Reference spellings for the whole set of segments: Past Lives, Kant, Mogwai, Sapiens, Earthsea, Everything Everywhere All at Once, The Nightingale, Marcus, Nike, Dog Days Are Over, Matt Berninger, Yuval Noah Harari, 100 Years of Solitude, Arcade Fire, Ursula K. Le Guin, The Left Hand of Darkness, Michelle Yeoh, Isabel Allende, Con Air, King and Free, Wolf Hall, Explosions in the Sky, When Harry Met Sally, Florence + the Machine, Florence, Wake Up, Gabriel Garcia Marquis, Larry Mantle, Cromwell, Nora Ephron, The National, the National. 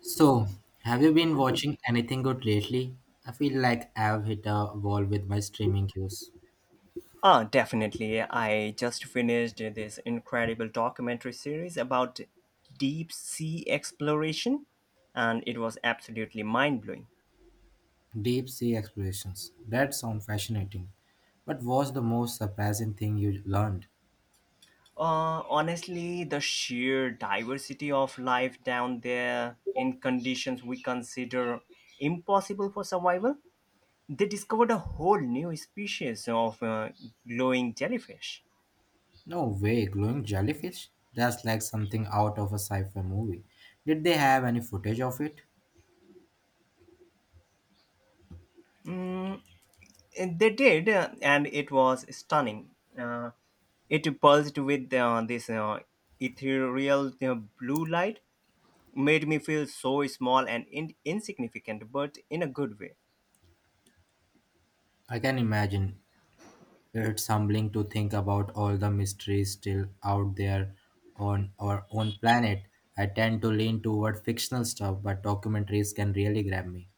So, have you been watching anything good lately? I feel like I've hit a wall with my streaming queues. Ah, definitely. I just finished this incredible documentary series about deep sea exploration, and it was absolutely mind blowing. Deep sea explorations. That sounds fascinating. But what's the most surprising thing you learned? Honestly, the sheer diversity of life down there in conditions we consider impossible for survival, they discovered a whole new species of glowing jellyfish. No way, glowing jellyfish? That's like something out of a sci fi movie. Did they have any footage of it? And They did, and it was stunning. Uh, it pulsed with this ethereal blue light, made me feel so small and insignificant, but in a good way. I can imagine. It's humbling to think about all the mysteries still out there on our own planet. I tend to lean toward fictional stuff, but documentaries can really grab me.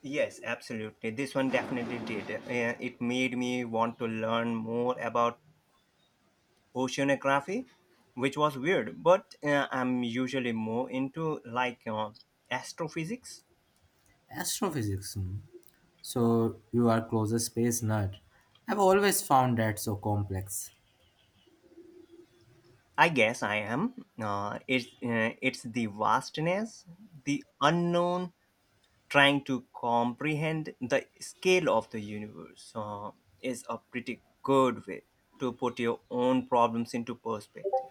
Yes, absolutely. This one definitely did. It made me want to learn more about oceanography, which was weird, but I'm usually more into like astrophysics. Astrophysics. Hmm. So you are closest space nerd. I've always found that so complex. I guess I am. It's the vastness, the unknown, trying to comprehend the scale of the universe is a pretty good way to put your own problems into perspective.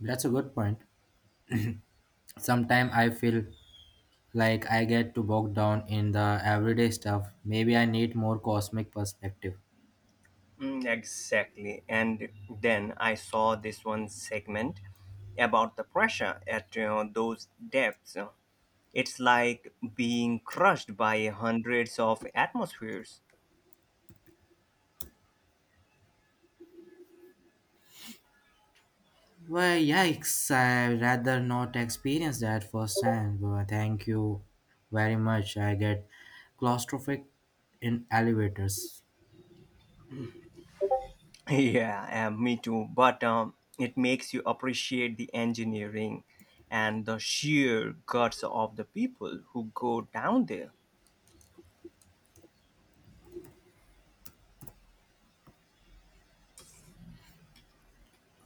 That's a good point. Sometimes I feel like I get too bogged down in the everyday stuff. Maybe I need more cosmic perspective. Mm, exactly. And then I saw this one segment about the pressure at those depths. It's like being crushed by hundreds of atmospheres. Well, yikes, I rather not experience that firsthand. Well, thank you very much. I get claustrophobic in elevators. Yeah, and me too. But it makes you appreciate the engineering and the sheer guts of the people who go down there.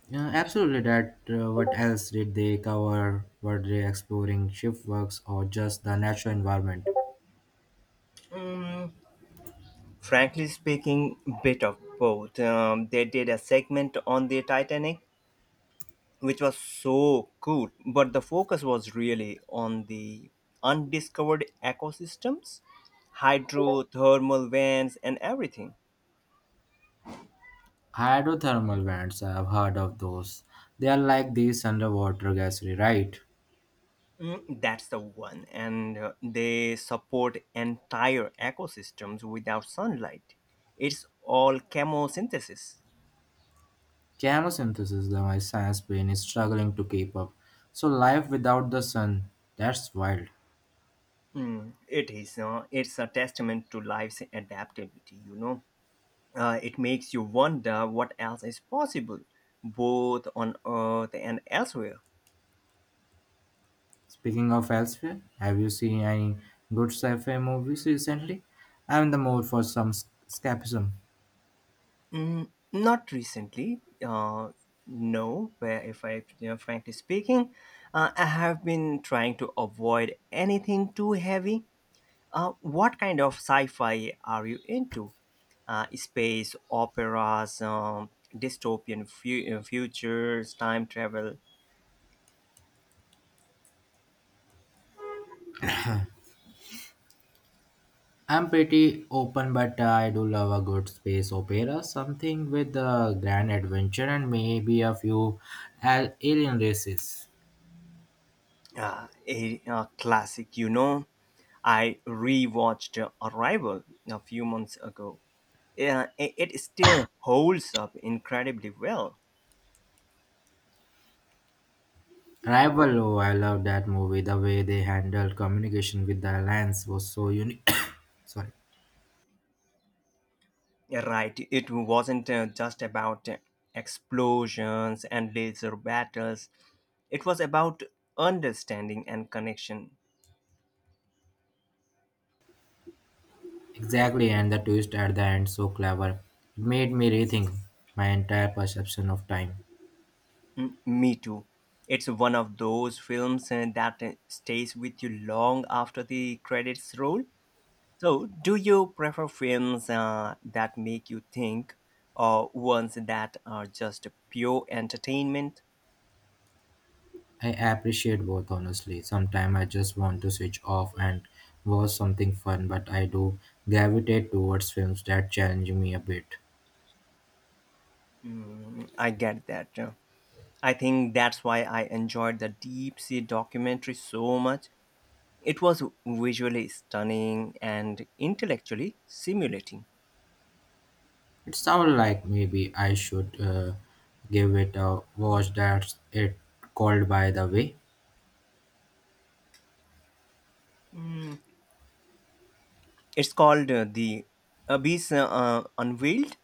Yeah, absolutely, that. What else did they cover? Were they exploring shift works or just the natural environment? Frankly speaking, bit of both. They did a segment on the Titanic, which was so good, but the focus was really on the undiscovered ecosystems, hydrothermal vents, and everything. Hydrothermal vents, I've heard of those. They are like these underwater gassery, right? Mm, that's the one. And they support entire ecosystems without sunlight. It's all chemosynthesis. Chemosynthesis, though my science brain is struggling to keep up. So, life without the sun, that's wild. Mm, it is. It's a testament to life's adaptability, It makes you wonder what else is possible, both on Earth and elsewhere. Speaking of elsewhere, have you seen any good sci-fi movies recently? I'm in the mood for some escapism. Mm, not recently. No, where if I frankly speaking, I have been trying to avoid anything too heavy. What kind of sci-fi are you into? Space operas, futures, time travel, I'm pretty open, but I do love a good space opera, something with a grand adventure and maybe a few alien races. a classic. You know, I rewatched Arrival a few months ago. It still holds up incredibly well. Rival, oh, I love that movie. The way they handled communication with the Alliance was so unique. Sorry. You're right, it wasn't just about explosions and laser battles. It was about understanding and connection. Exactly, and the twist at the end so clever. It made me rethink my entire perception of time. Me too. It's one of those films that stays with you long after the credits roll. So, do you prefer films that make you think or ones that are just pure entertainment? I appreciate both honestly. Sometimes I just want to switch off and watch something fun, but I do gravitate towards films that challenge me a bit. I get that. I think that's why I enjoyed the Deep Sea documentary so much. It was visually stunning and intellectually stimulating. It sounds like maybe I should give it a watch. That's it called, by the way. It's called The Abyss Unveiled.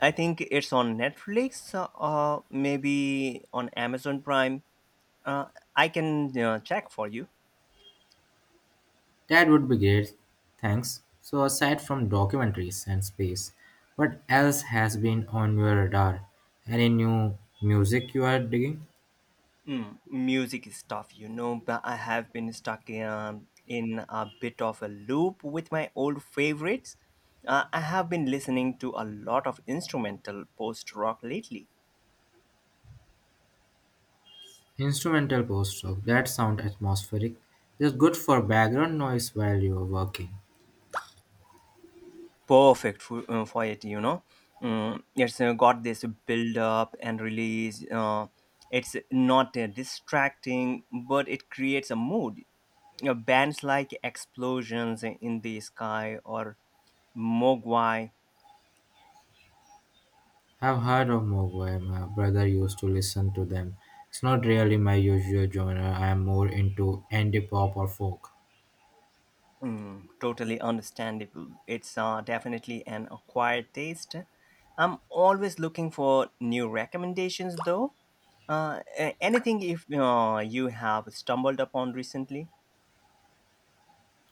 I think it's on Netflix, or maybe on Amazon Prime. Uh, I can check for you. That would be great. Thanks. So aside from documentaries and space, what else has been on your radar? Any new music you are digging? Mm, music stuff, you know, but I have been stuck in a bit of a loop with my old favorites. I have been listening to a lot of instrumental post rock lately. Instrumental post-rock that sound atmospheric, just good for background noise while you're working. Perfect for it. Mm, it's got this build up and release, it's not distracting, but it creates a mood, you know, bands like explosions in the sky or mogwai. I've heard of Mogwai. My brother used to listen to them. It's not really my usual genre. I am more into indie pop or folk. Mm, totally understandable. It's definitely an acquired taste. I'm always looking for new recommendations though. Anything if you have stumbled upon recently.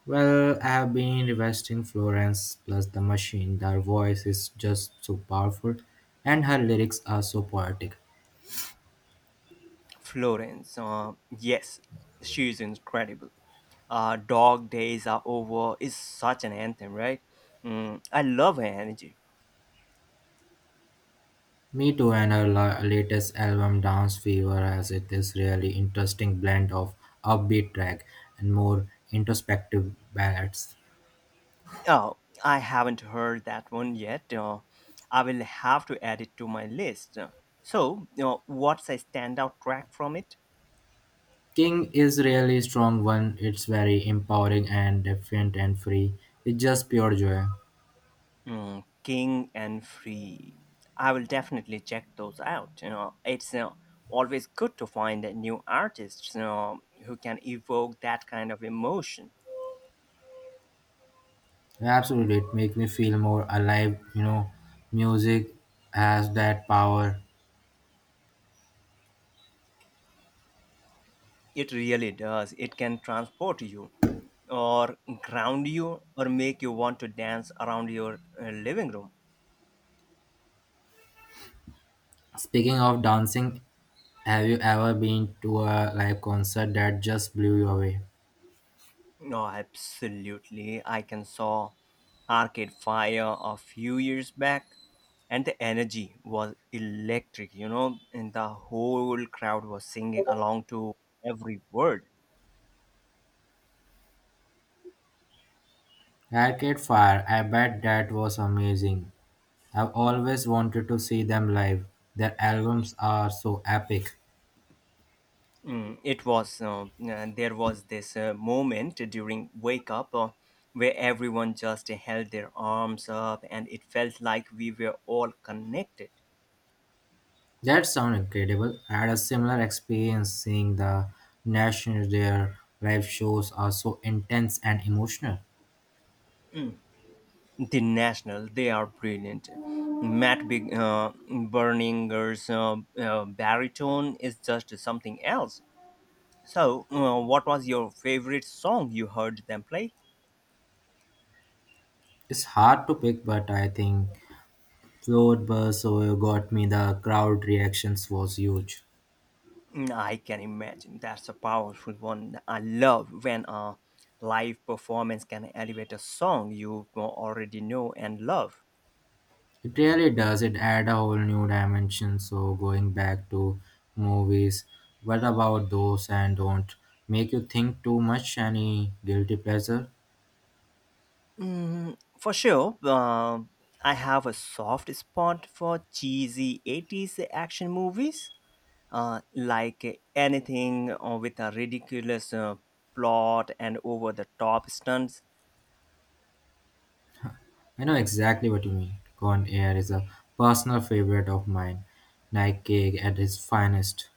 Well, I have been investing Florence plus the machine. Their voice is just so powerful, and her lyrics are so poetic. Florence. Yes, she is incredible. Dog Days Are Over is such an anthem, right? Mm, I love her energy. Me too, and her latest album Dance Fever has it this really interesting blend of upbeat track and more introspective ballads. Oh, I haven't heard that one yet. I will have to add it to my list. So, you know, what's a standout track from it? King is really strong one. It's very empowering and defiant and free. It's just pure joy. Mm, King and Free. I will definitely check those out. You know, it's always good to find new artists, you know, who can evoke that kind of emotion. Absolutely, it makes me feel more alive. You know, music has that power. It really does. It can transport you, or ground you, or make you want to dance around your living room. Speaking of dancing, have you ever been to a live concert that just blew you away? No, absolutely. I can saw Arcade Fire a few years back, and the energy was electric. You know, and the whole crowd was singing along to every word. Arcade Fire, I bet that was amazing. I've always wanted to see them live. Their albums are so epic. Mm, it was there was this moment during wake up where everyone just held their arms up and it felt like we were all connected. That sounds incredible. I had a similar experience seeing the National. Their live shows are so intense and emotional. Mm. The national, they are brilliant. Matt big, berninger's baritone is just something else. So what was your favorite song you heard them play? It's hard to pick, but I think Float Burst got me. The crowd reactions was huge. Mm, I can imagine. That's a powerful one. I love when a live performance can elevate a song you already know and love. It really does. It add a whole new dimension. So going back to movies, what about those and don't make you think too much? Any guilty pleasure? Mm, for sure, I have a soft spot for cheesy 80s action movies, like anything with a ridiculous plot and over the top stunts. I know exactly what you mean. Con Air is a personal favorite of mine. Nike at its finest.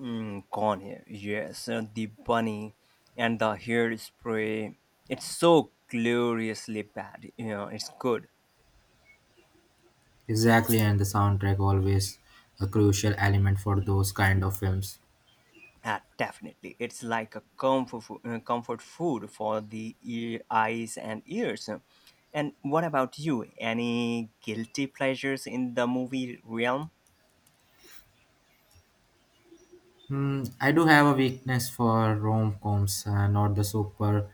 Mm, corn here. Yes, the bunny and the hairspray. It's so gloriously bad. You know, it's good. Exactly, and the soundtrack always a crucial element for those kind of films. Ah, definitely. It's like a comfort food for the ear, eyes and ears. And what about you? Any guilty pleasures in the movie realm? Hmm, I do have a weakness for rom coms, not the super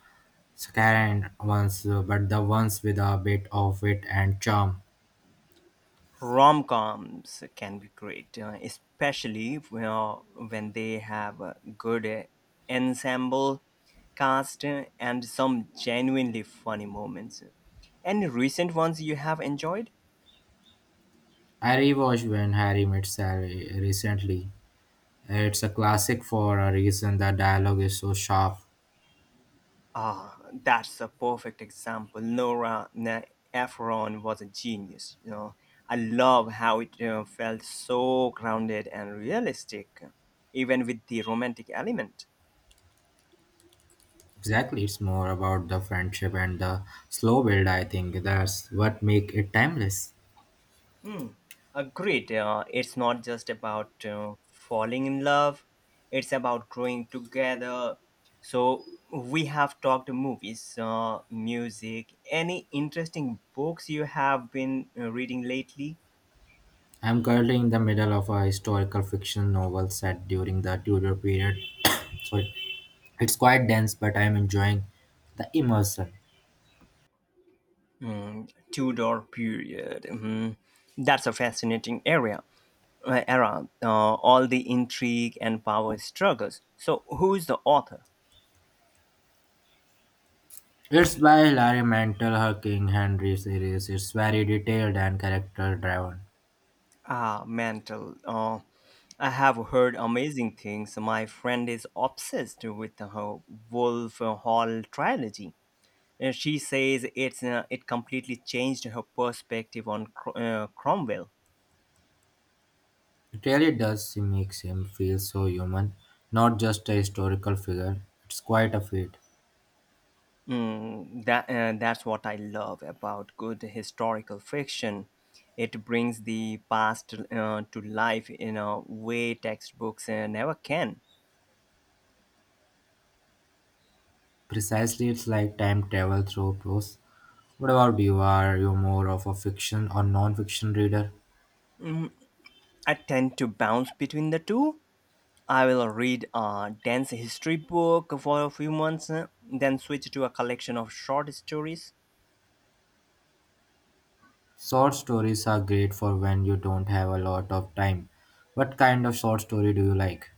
scant ones, but the ones with a bit of wit and charm. Rom-coms can be great, especially uh, when they have a good ensemble cast, and some genuinely funny moments. Any recent ones you have enjoyed? I rewatched When Harry Met Sally recently. It's a classic for a reason. The dialogue is so sharp. Ah, that's a perfect example. Ephron was a genius, you know. I love how it felt so grounded and realistic, even with the romantic element. Exactly, it's more about the friendship and the slow build. I think that's what make it timeless. Mm, agreed. It's not just about falling in love, it's about growing together. So, we have talked movies, music, any interesting books you have been reading lately? I'm currently in the middle of a historical fiction novel set during the Tudor period. Sorry, it's quite dense, but I'm enjoying the immersion. Mm, Tudor period. Mhm. That's a fascinating area. Era, all the intrigue and power struggles. So, who is the author? It's by Larry Mantle, her King Henry series. It's very detailed and character driven. Ah, mantle. I have heard amazing things. My friend is obsessed with the whole Wolf Hall trilogy. And she says it completely changed her perspective on Cromwell. It really does make him feel so human, not just a historical figure. It's quite a feat. Mm, that's what I love about good historical fiction. It brings the past to life in a way textbooks never can. Precisely, it's like time travel through prose. What about you? Are you more of a fiction or non fiction reader? I tend to bounce between the two. I will read a dance history book for a few months, then switch to a collection of short stories. Short stories are great for when you don't have a lot of time. What kind of short story do you like?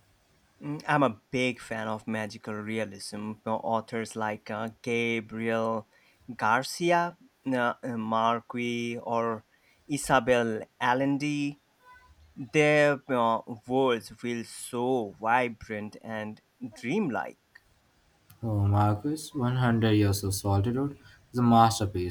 Mm, I'm a big fan of magical realism. Authors like Gabriel Garcia, Marquis, or Isabel Allende. Their worlds feel so vibrant and dreamlike. Oh, Marcus, 100 Years of Solitude is a masterpiece.